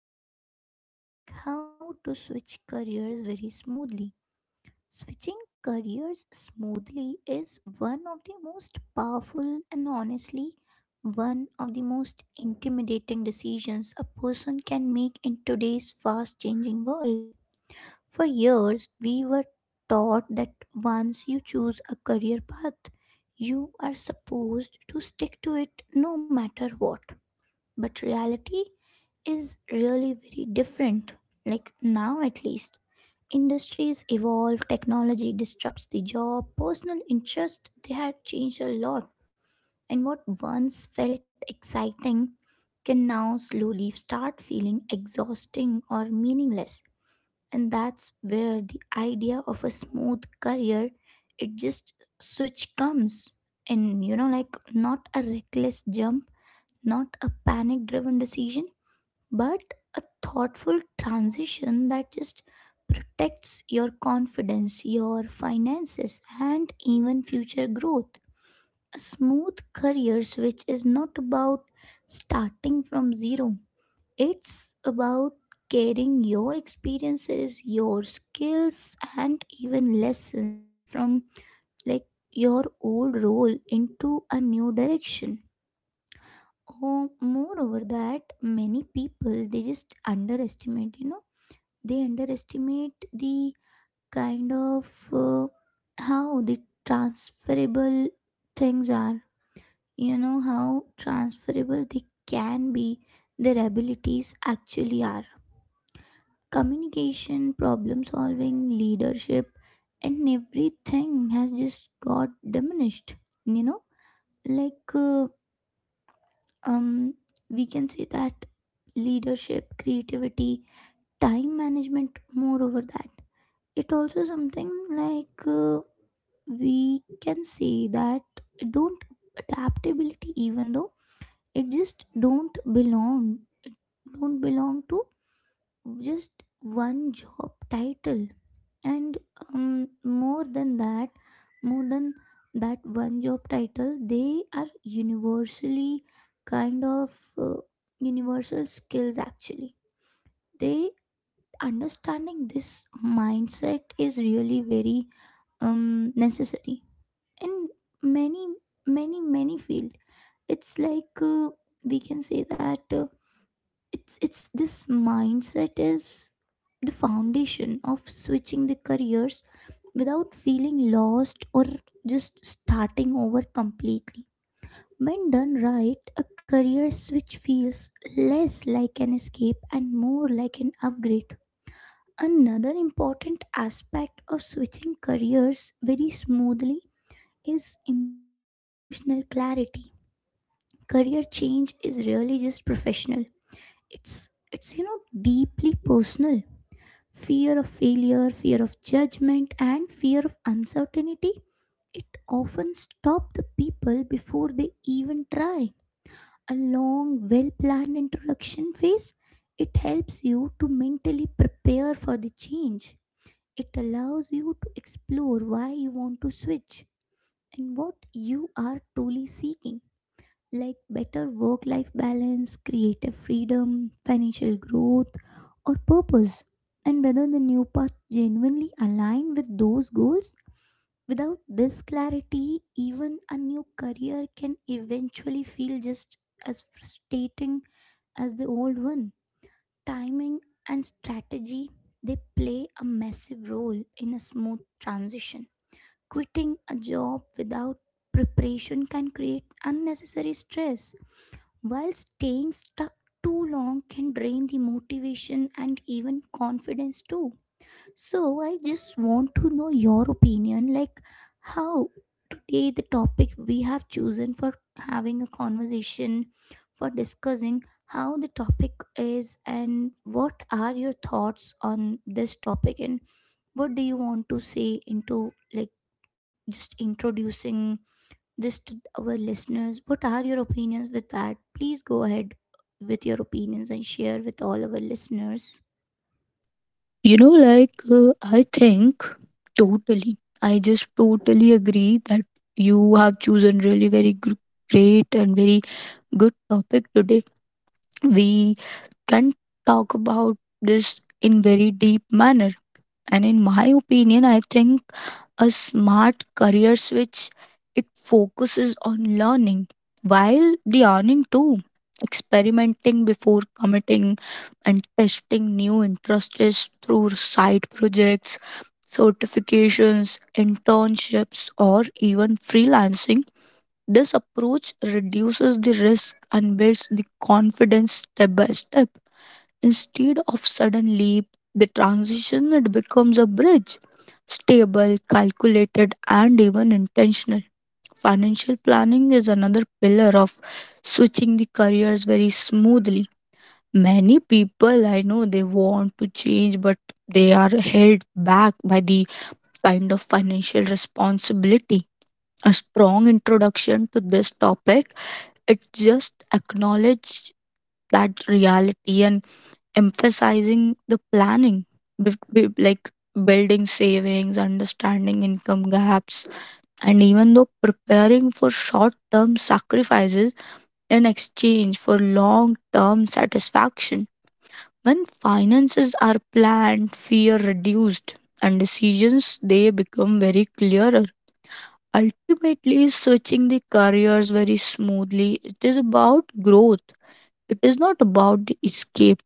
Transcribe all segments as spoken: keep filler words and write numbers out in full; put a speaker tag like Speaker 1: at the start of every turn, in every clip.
Speaker 1: going to talk about like how to switch careers very smoothly. Switching careers smoothly is one of the most powerful and honestly one of the most intimidating decisions a person can make in today's fast changing world. For years, we were taught that once you choose a career path, you are supposed to stick to it no matter what. But reality is really very different. Like now, at least, industries evolve, technology disrupts the job, personal interest they had changed a lot. And what once felt exciting can now slowly start feeling exhausting or meaningless, and that's where the idea of a smooth career it just switch comes in, you know, like not a reckless jump, not a panic driven decision, but a thoughtful transition that just protects your confidence, your finances, and even future growth. A smooth career switch is not about starting from zero. It's about carrying your experiences, your skills, and even lessons from like your old role into a new direction. Oh, moreover, that many people they just underestimate. You know, they underestimate the kind of uh, how the transferable things are. You know how transferable they can be, their abilities actually are communication, problem solving, leadership, and everything has just got diminished. You know, like uh, um, we can say that leadership, creativity, time management. Moreover, that it also something like uh, we can say that don't adaptability, even though it just don't belong, don't belong to just one job title, and um, more than that more than that one job title they are universally kind of uh, universal skills actually they understanding this mindset is really very um necessary in many many many field. It's like uh, we can say that uh, it's it's this mindset is the foundation of switching the careers without feeling lost or just starting over completely. When done right, a career switch feels less like an escape and more like an upgrade. Another important aspect of switching careers very smoothly is emotional clarity. Career change is really just professional. It's it's you know deeply personal. Fear of failure, fear of judgment, and fear of uncertainty, it often stops the people before they even try. A long, well planned introduction phase, it helps you to mentally prepare for the change. It allows you to explore why you want to switch and what you are truly seeking, like better work life balance, creative freedom, financial growth, or purpose, and whether the new path genuinely align with those goals. Without this clarity, even a new career can eventually feel just as frustrating as the old one. Timing and strategy they play a massive role in a smooth transition. Quitting a job without preparation can create unnecessary stress, while staying stuck too long can drain the motivation and even confidence too. So, I just want to know your opinion, like, how today the topic we have chosen for having a conversation, for discussing how the topic is, and what are your thoughts on this topic, and what do you want to say into like just introducing this to our listeners. What are your opinions with that? Please go ahead with your opinions and share with all our listeners.
Speaker 2: You know, like, uh, I think totally. I just totally agree that you have chosen really very gr- great and very good topic today. We can talk about this in very deep manner. And in my opinion, I think a smart career switch it focuses on learning while the earning too. Experimenting before committing and testing new interests through side projects, certifications, internships, or even freelancing. This approach reduces the risk and builds the confidence step by step. Instead of sudden leap, the transition it becomes a bridge. Stable, calculated, and even intentional. Financial planning is another pillar of switching the careers very smoothly. Many people I know they want to change, but they are held back by the kind of financial responsibility. A strong introduction to this topic, it just acknowledges that reality and emphasizing the planning, bef- be- like building savings, understanding income gaps, and even though preparing for short term sacrifices in exchange for long term satisfaction. When finances are planned, fear reduced, and decisions they become very clearer. Ultimately, switching the careers very smoothly, it is about growth. It is not about the escape,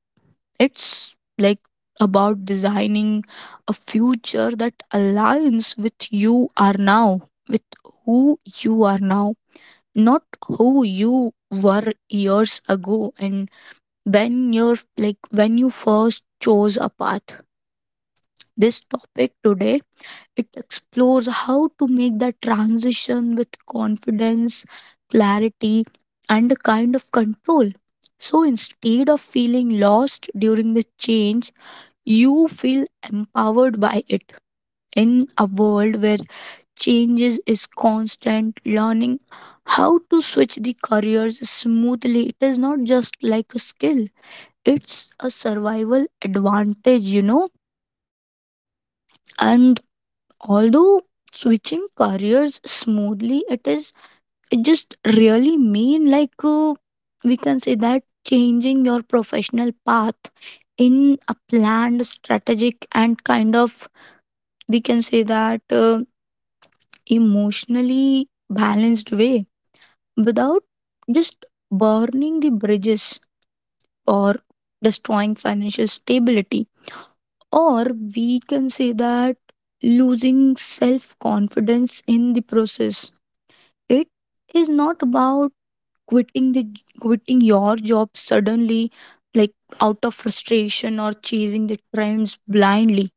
Speaker 2: it's like about designing a future that aligns with you are now, with who you are now, not who you were years ago and when you're like when you first chose a path. This topic today it explores how to make that transition with confidence, clarity, and a kind of control. So instead of feeling lost during the change, you feel empowered by it. In a world where changes is constant, learning how to switch the careers smoothly, it is not just like a skill, it's a survival advantage, you know. And although switching careers smoothly, it is it just really mean like uh, we can say that changing your professional path in a planned strategic and kind of we can say that uh, emotionally balanced way without just burning the bridges or destroying financial stability or we can say that losing self confidence in the process, it is not about quitting the quitting your job suddenly, like out of frustration or chasing the trends blindly.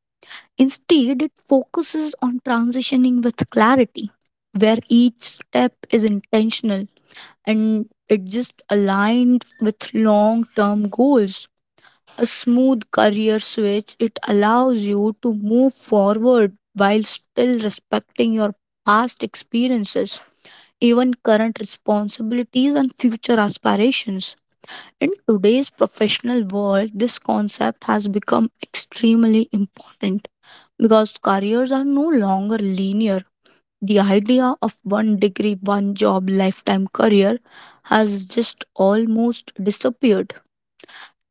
Speaker 2: Instead, it focuses on transitioning with clarity, where each step is intentional and it just aligned with long term goals. A smooth career switch, it allows you to move forward while still respecting your past experiences, even current responsibilities, and future aspirations. In today's professional world, this concept has become extremely important because careers are no longer linear. The idea of one degree, one job, lifetime career has just almost disappeared.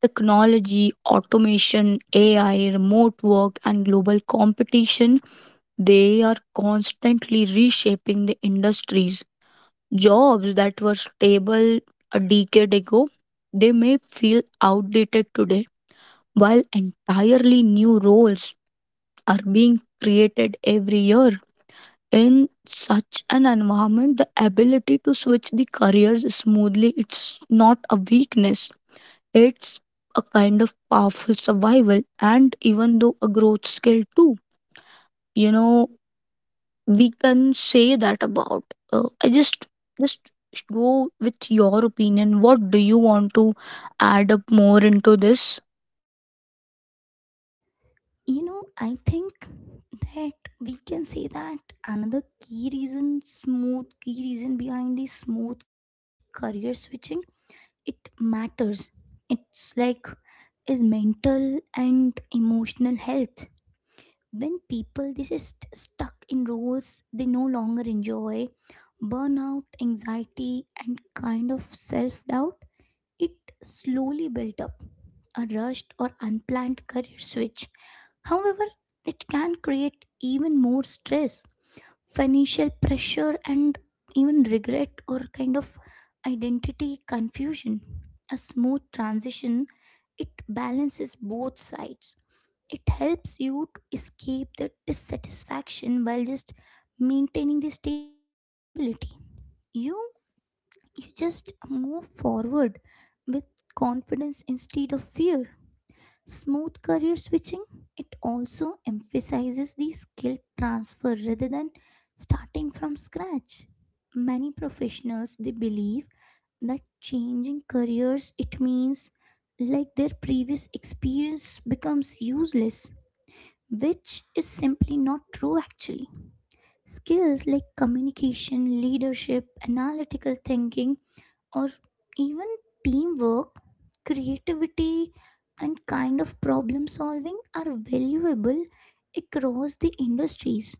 Speaker 2: Technology, automation, A I, remote work, and global competition, they are constantly reshaping the industries. Jobs that were stable a decade ago, they may feel outdated today, while entirely new roles are being created every year. In such an environment, the ability to switch the careers smoothly it's not a weakness. It's a kind of powerful survival and even though a growth skill too. You know, we can say that about. Uh, I just just go with your opinion. What do you want to add up more into this?
Speaker 1: You know, I think that we can say that another key reason, smooth key reason behind the smooth career switching, it matters. It's like is mental and emotional health. When people they just stuck in roles they no longer enjoy, burnout, anxiety, and kind of self-doubt it slowly built up. A rushed or unplanned career switch, however, it can create even more stress, financial pressure, and even regret or kind of identity confusion. A smooth transition it balances both sides. It helps you to escape the dissatisfaction while just maintaining the stability. You you just move forward with confidence instead of fear. Smooth career switching it also emphasizes the skill transfer rather than starting from scratch. Many professionals they believe that changing careers it means like their previous experience becomes useless, which is simply not true actually. Skills like communication, leadership, analytical thinking, or even teamwork, creativity, and kind of problem solving are valuable across the industries.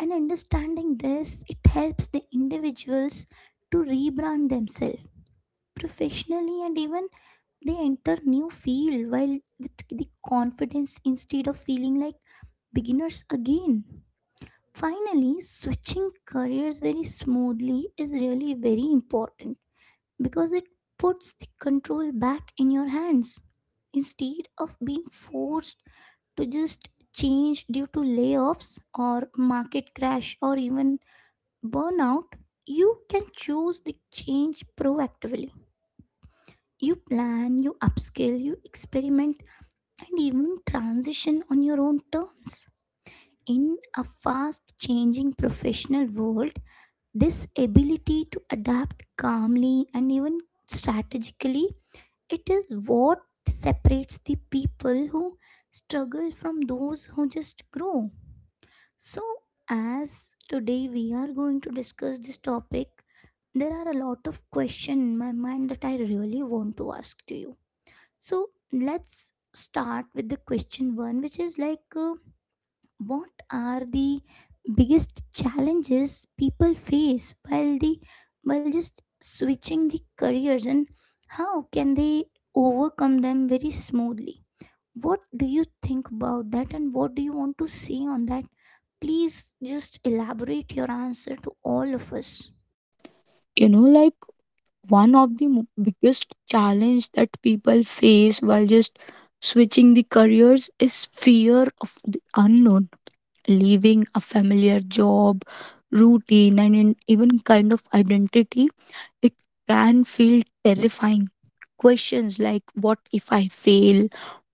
Speaker 1: And understanding this, it helps the individuals to rebrand themselves professionally, and even they enter new field while with the confidence instead of feeling like beginners again. Finally, switching careers very smoothly is really very important because it puts the control back in your hands. Instead of being forced to just change due to layoffs or market crash or even burnout, you can choose the change proactively. You plan, you upskill, you experiment, and even transition on your own terms. In a fast changing professional world, this ability to adapt calmly and even strategically, it is what separates the people who struggle from those who just grow. So, as today we are going to discuss this topic, there are a lot of questions in my mind that I really want to ask to you. So let's start with the question one, which is like uh, what are the biggest challenges people face while the while just switching the careers, and how can they overcome them very smoothly? What do you think about that, and what do you want to say on that? Please just elaborate your answer to all of us.
Speaker 2: You know, like one of the mo- biggest challenge that people face while just switching the careers is fear of the unknown, leaving a familiar job routine and in even kind of identity, it can feel terrifying. Questions like what if I fail,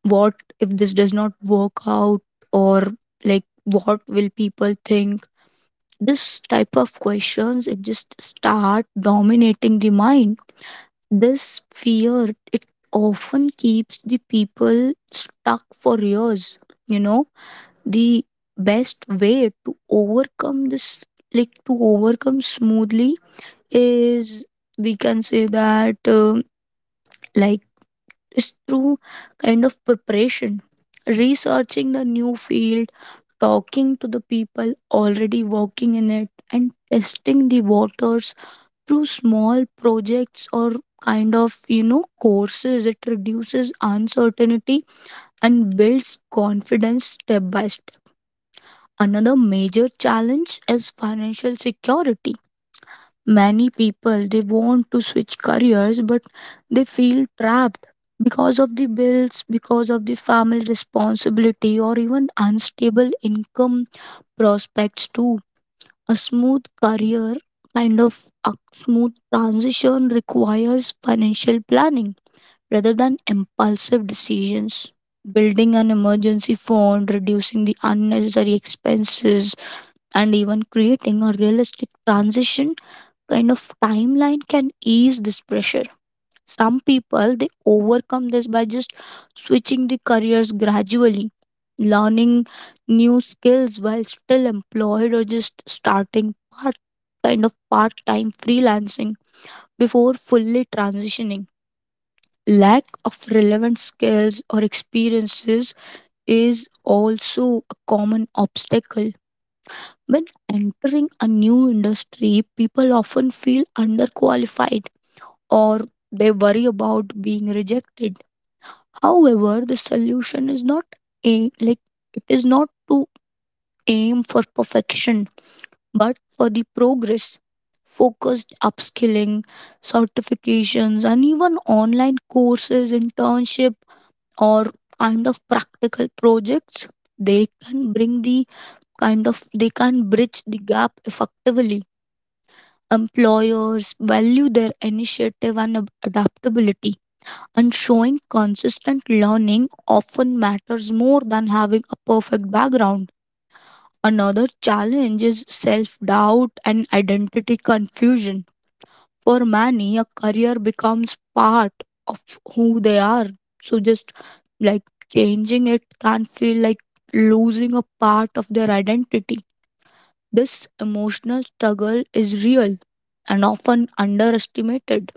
Speaker 2: what if this does not work out, or like what will people think, this type of questions it just start dominating the mind. This fear it often keeps the people stuck for years. You know, the best way to overcome this, like to overcome smoothly, is we can say that um like is through kind of preparation, researching the new field, talking to the people already working in it, and testing the waters through small projects or kind of you know courses. It reduces uncertainty and builds confidence step by step. Another major challenge is financial security. Many people they want to switch careers but they feel trapped because of the bills, because of the family responsibility, or even unstable income prospects too. A smooth career kind of a smooth transition requires financial planning rather than impulsive decisions. Building an emergency fund, reducing the unnecessary expenses, and even creating a realistic transition kind of timeline can ease this pressure. Some people they overcome this by just switching the careers gradually, learning new skills while still employed or just starting part kind of part time freelancing before fully transitioning. Lack of relevant skills or experiences is also a common obstacle. When entering a new industry people often feel underqualified or they worry about being rejected. However, the solution is not a like it is not to aim for perfection, but for the progress, focused upskilling, certifications, and even online courses, internship, or kind of practical projects. They can bring the kind of they can bridge the gap effectively. Employers value their initiative and ab- adaptability, and showing consistent learning often matters more than having a perfect background. Another challenge is self doubt and identity confusion. For many, a career becomes part of who they are. So, just like changing it can feel like losing a part of their identity. This emotional struggle is real and often underestimated.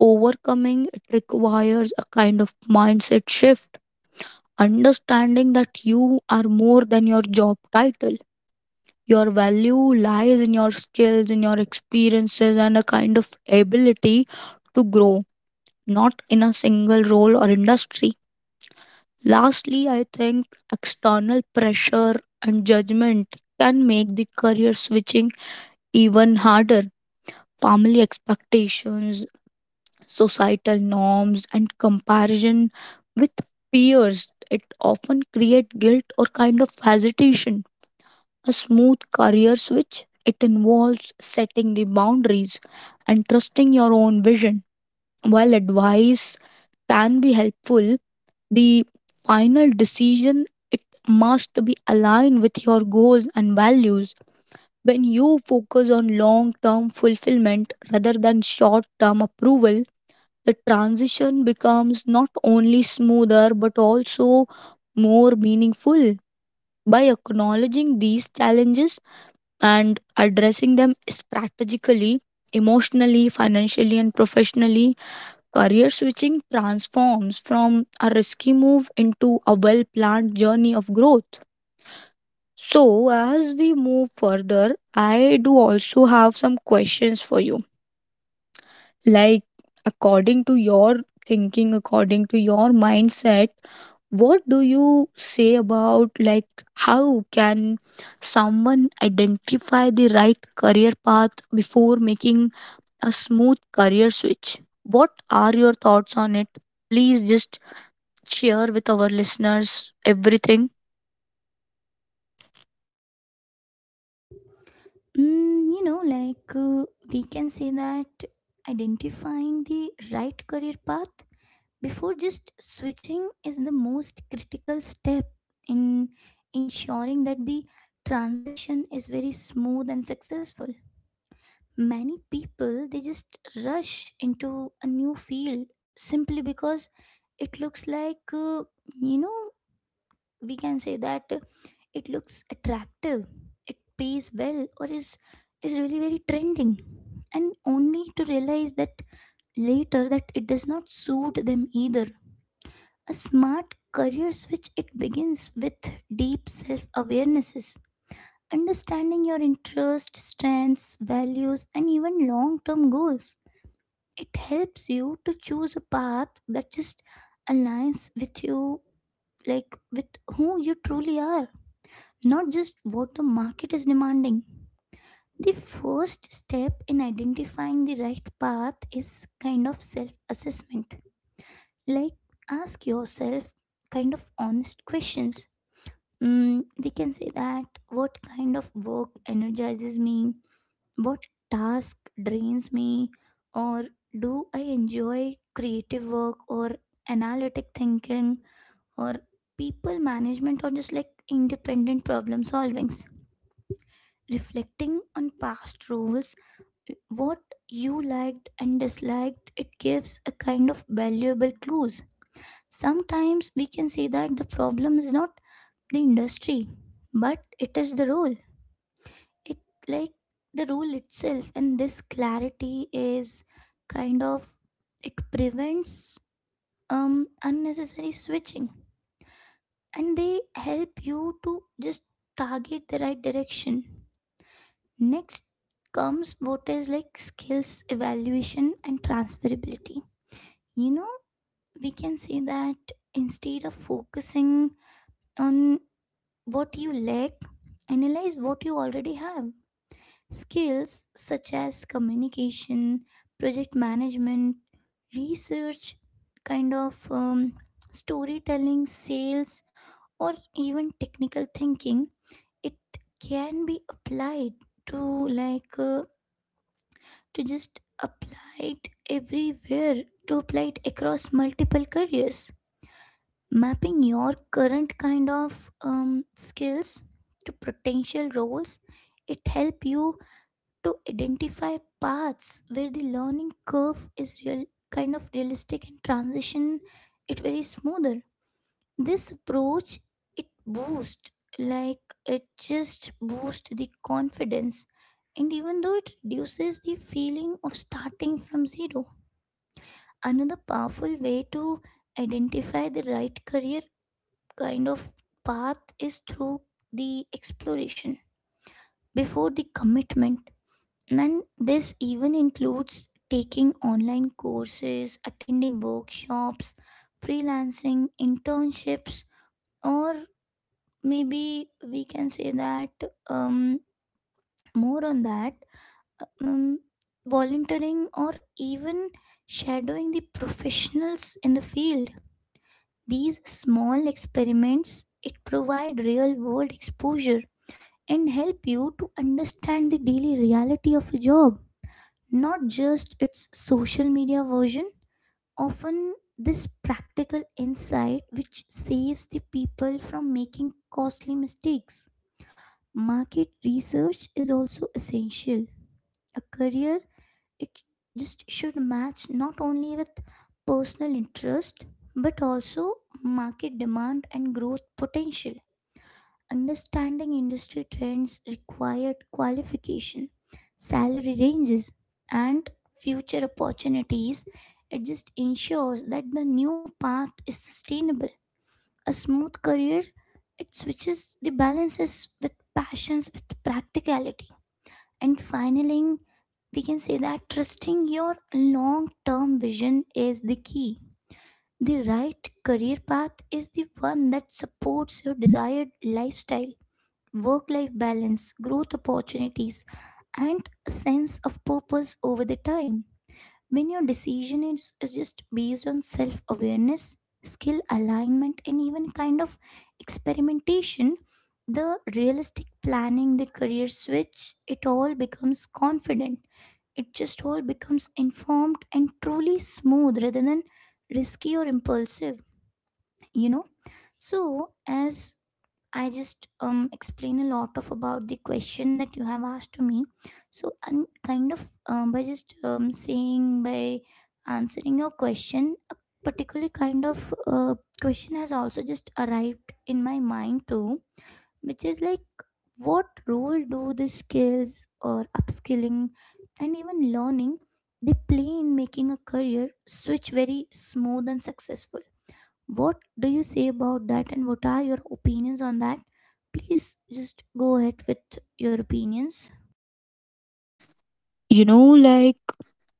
Speaker 2: Overcoming it requires a kind of mindset shift. Understanding that you are more than your job title. Your value lies in your skills, in your experiences, and a kind of ability to grow, not in a single role or industry. Lastly, I think external pressure and judgment can make the career switching even harder. Family expectations, societal norms, and comparison with peers. It often creates guilt or kind of hesitation. A smooth career switch it involves setting the boundaries and trusting your own vision. While advice can be helpful, the final decision it must be aligned with your goals and values. When you focus on long term fulfillment rather than short term approval, the transition becomes not only smoother but also more meaningful. By acknowledging these challenges and addressing them strategically, emotionally, financially, and professionally, career switching transforms from a risky move into a well planned journey of growth. So, as we move further, I do also have some questions for you. Like, according to your thinking, according to your mindset, what do you say about like how can someone identify the right career path before making a smooth career switch? What are your thoughts on it? Please just share with our listeners everything.
Speaker 1: Mm, you know, like uh, we can say that identifying the right career path before just switching is the most critical step in ensuring that the transition is very smooth and successful. Many people they just rush into a new field simply because it looks like uh, you know, we can say that uh, it looks attractive, it pays well, or is is really very trending, and only to realize that later that it does not suit them either. A smart career switch it begins with deep self-awarenesses, understanding your interests, strengths, values, and even long-term goals. It helps you to choose a path that just aligns with you, like with who you truly are, not just what the market is demanding. The first step in identifying the right path is kind of self assessment. Like, ask yourself kind of honest questions. Mm, we can say that what kind of work energizes me, what task drains me, or do I enjoy creative work or analytic thinking or people management or just like independent problem solvings? Reflecting on past roles, what you liked and disliked, it gives a kind of valuable clues. Sometimes we can say that the problem is not the industry, but it is the role it like the rule itself, and this clarity is kind of it prevents um unnecessary switching, and they help you to just target the right direction. Next comes what is like skills evaluation and transferability. You know, we can say that instead of focusing on what you lack, analyze what you already have. Skills such as communication, project management, research, kind of um, storytelling, sales, or even technical thinking, it can be applied to like uh, to just apply it everywhere to apply it across multiple careers. Mapping your current kind of um, skills to potential roles, it help you to identify paths where the learning curve is real kind of realistic, and transition it very smoother. This approach it boosts like it just boosts the confidence, and even though it reduces the feeling of starting from zero. Another powerful way to identify the right career kind of path is through the exploration before the commitment. And this even includes taking online courses, attending workshops, freelancing, internships, or maybe we can say that um, more on that, um, volunteering, or even shadowing the professionals in the field. These small experiments it provide real world exposure and help you to understand the daily reality of a job, not just its social media version. Often, this practical insight which saves the people from making costly mistakes. Market research is also essential. A career, it just should match not only with personal interest but also market demand and growth potential. Understanding industry trends, required qualification, salary ranges, and future opportunities. It just ensures that the new path is sustainable. A smooth career, it switches the balances with passions with practicality. And finally, we can say that trusting your long term vision is the key. The right career path is the one that supports your desired lifestyle, work life balance, growth opportunities, and a sense of purpose over the time. When your decision is, is just based on self awareness, skill alignment, and even kind of experimentation, the realistic planning, the career switch, it all becomes confident. It just all becomes informed and truly smooth rather than risky or impulsive, you know. So, as I just um, explain a lot of about the question that you have asked to me. So and kind of um, by just um, saying by answering your question, a particular kind of uh, question has also just arrived in my mind too, which is like what role do the skills or upskilling and even learning they play in making a career switch very smooth and successful? What do you say about that, and what are your opinions on that? Please just go ahead with your opinions.
Speaker 2: You know, like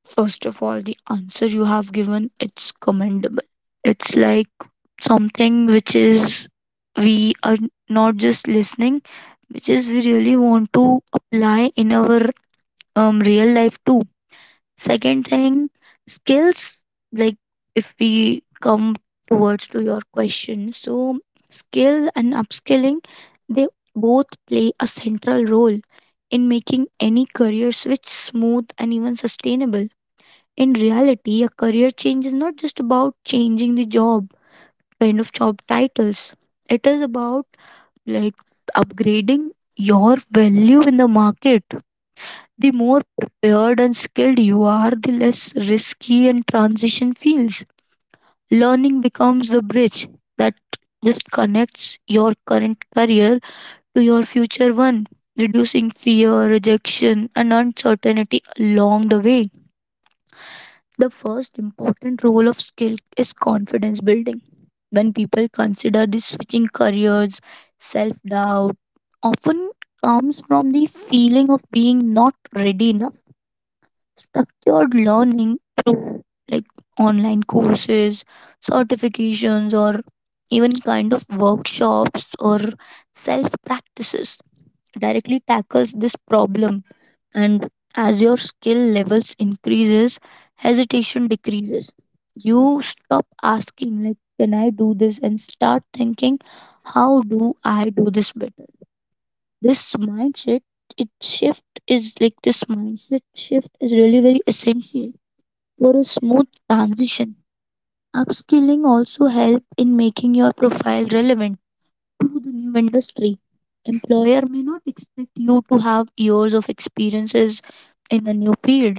Speaker 2: first of all, the answer you have given it's commendable. It's like something which is we are not just listening, which is we really want to apply in our um, real life too. Second thing, skills like if we come towards to your question, so skill and upskilling they both play a central role in making any career switch smooth and even sustainable. In reality, a career change is not just about changing the job, kind of job titles. It is about like upgrading your value in the market. The more prepared and skilled you are, the less risky and transition feels. Learning becomes the bridge that just connects your current career to your future one, reducing fear, rejection, and uncertainty along the way. The first important role of skill is confidence building. When people consider the switching careers, self doubt often comes from the feeling of being not ready enough. Structured learning through like online courses, certifications, or even kind of workshops or self practices directly tackles this problem, and as your skill levels increases hesitation decreases. You stop asking like can I do this and start thinking how do I do this better. This mindset it shift is like this mindset shift is really very essential for a smooth transition. Upskilling also help in making your profile relevant to the new industry. Employer may not expect you to have years of experiences in a new field,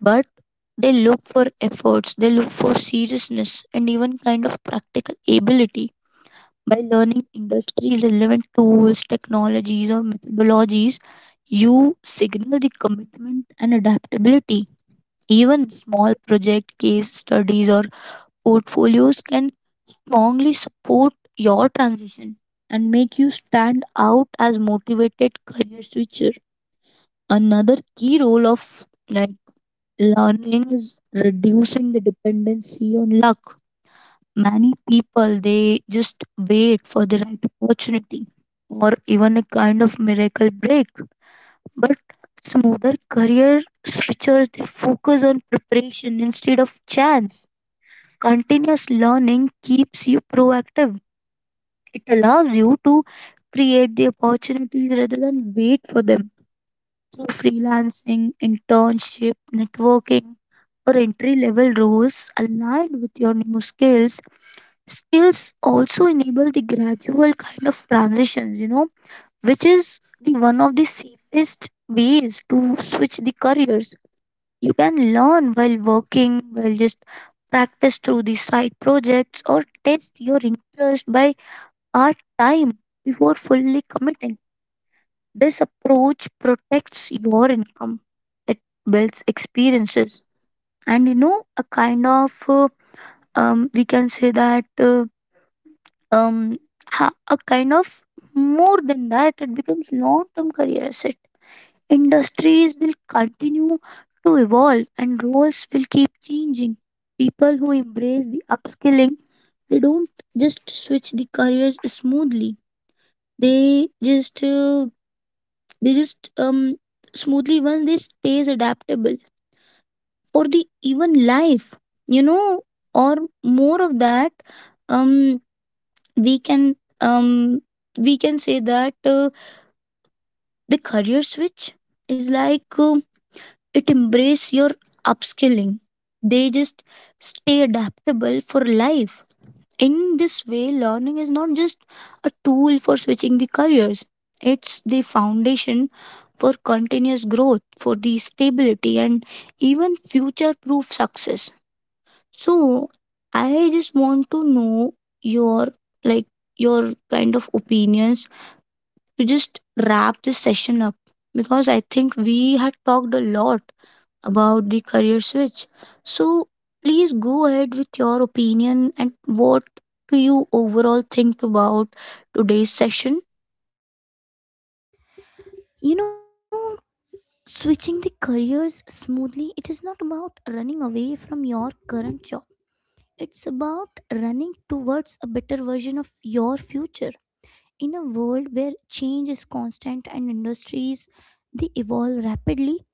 Speaker 2: but they look for efforts, they look for seriousness, and even kind of practical ability. By learning industry relevant tools, technologies, or methodologies, you signal the commitment and adaptability. Even small project case studies or portfolios can strongly support your transition and make you stand out as motivated career switcher. Another key role of like learning is reducing the dependency on luck. Many people they just wait for the right opportunity or even a kind of miracle break, but smoother career switchers they focus on preparation instead of chance. Continuous learning keeps you proactive. It allows you to create the opportunities rather than wait for them through freelancing, internship, networking, or entry level roles aligned with your new skills. Skills also enable the gradual kind of transitions, you know, which is the one of the safest ways to switch the careers. You can learn while working, while just practice through the side projects or test your interest by part time before fully committing. This approach protects your income, it builds experiences, and you know, a kind of uh, um, we can say that uh, um, ha- a kind of more than that, it becomes long term career asset. Industries will continue to evolve, and roles will keep changing. People who embrace the upskilling, they don't just switch the careers smoothly. They just uh, they just um smoothly once they stays adaptable or the even life you know or more of that um we can um we can say that uh, the career switch is like uh, it embrace your upskilling, they just stay adaptable for life. In this way, learning is not just a tool for switching the careers, it's the foundation for continuous growth, for the stability, and even future proof success. So, I just want to know your like your kind of opinions to just wrap this session up because I think we had talked a lot about the career switch. So please go ahead with your opinion and what do you overall think about today's session?
Speaker 1: You know, switching the careers smoothly, it is not about running away from your current job. It's about running towards a better version of your future. In a world where change is constant and industries they evolve rapidly,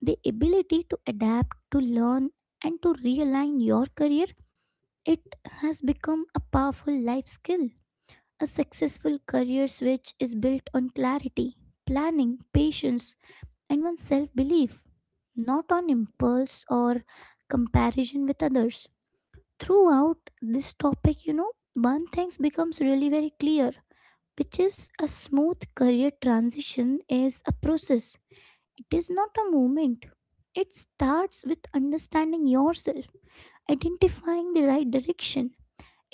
Speaker 1: the ability to adapt, to learn, and to realign your career, it has become a powerful life skill. A successful career switch is built on clarity, planning, patience, and even self belief, not on impulse or comparison with others. Throughout this topic, you know, one thing becomes really very clear, which is a smooth career transition is a process. It is not a moment. It starts with understanding yourself, identifying the right direction,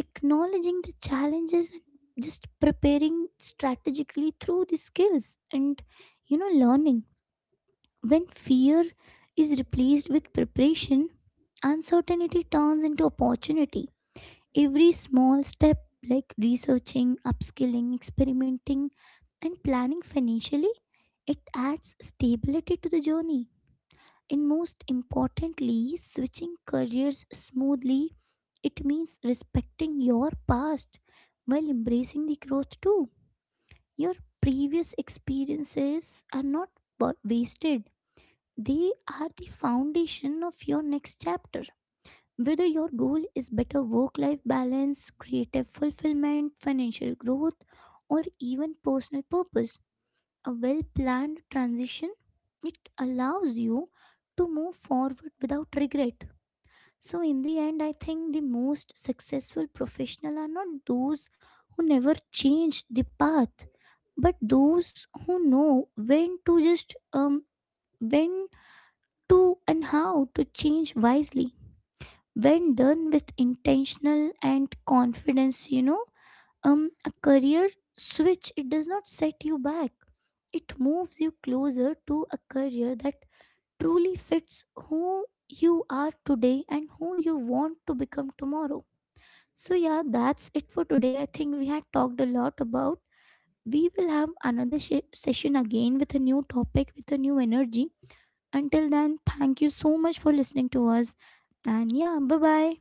Speaker 1: acknowledging the challenges, and just preparing strategically through the skills and you know learning. When fear is replaced with preparation, uncertainty turns into opportunity. Every small step, like researching, upskilling, experimenting, and planning financially, it adds stability to the journey. And most importantly, switching careers smoothly, it means respecting your past while embracing the growth too. Your previous experiences are not wa- wasted, they are the foundation of your next chapter. Whether your goal is better work life balance, creative fulfillment, financial growth, or even personal purpose, a well planned transition it allows you to move forward without regret. So, in the end, I think the most successful professional are not those who never change the path, but those who know when to just um when to and how to change wisely. When done with intentional and confidence, you know, um, a career switch, it does not set you back. It moves you closer to a career that truly fits who you are today and who you want to become tomorrow. So, yeah, that's it for today. I think we had talked a lot about. We will have another sh- session again with a new topic, with a new energy. Until then, thank you so much for listening to us. And yeah, bye bye.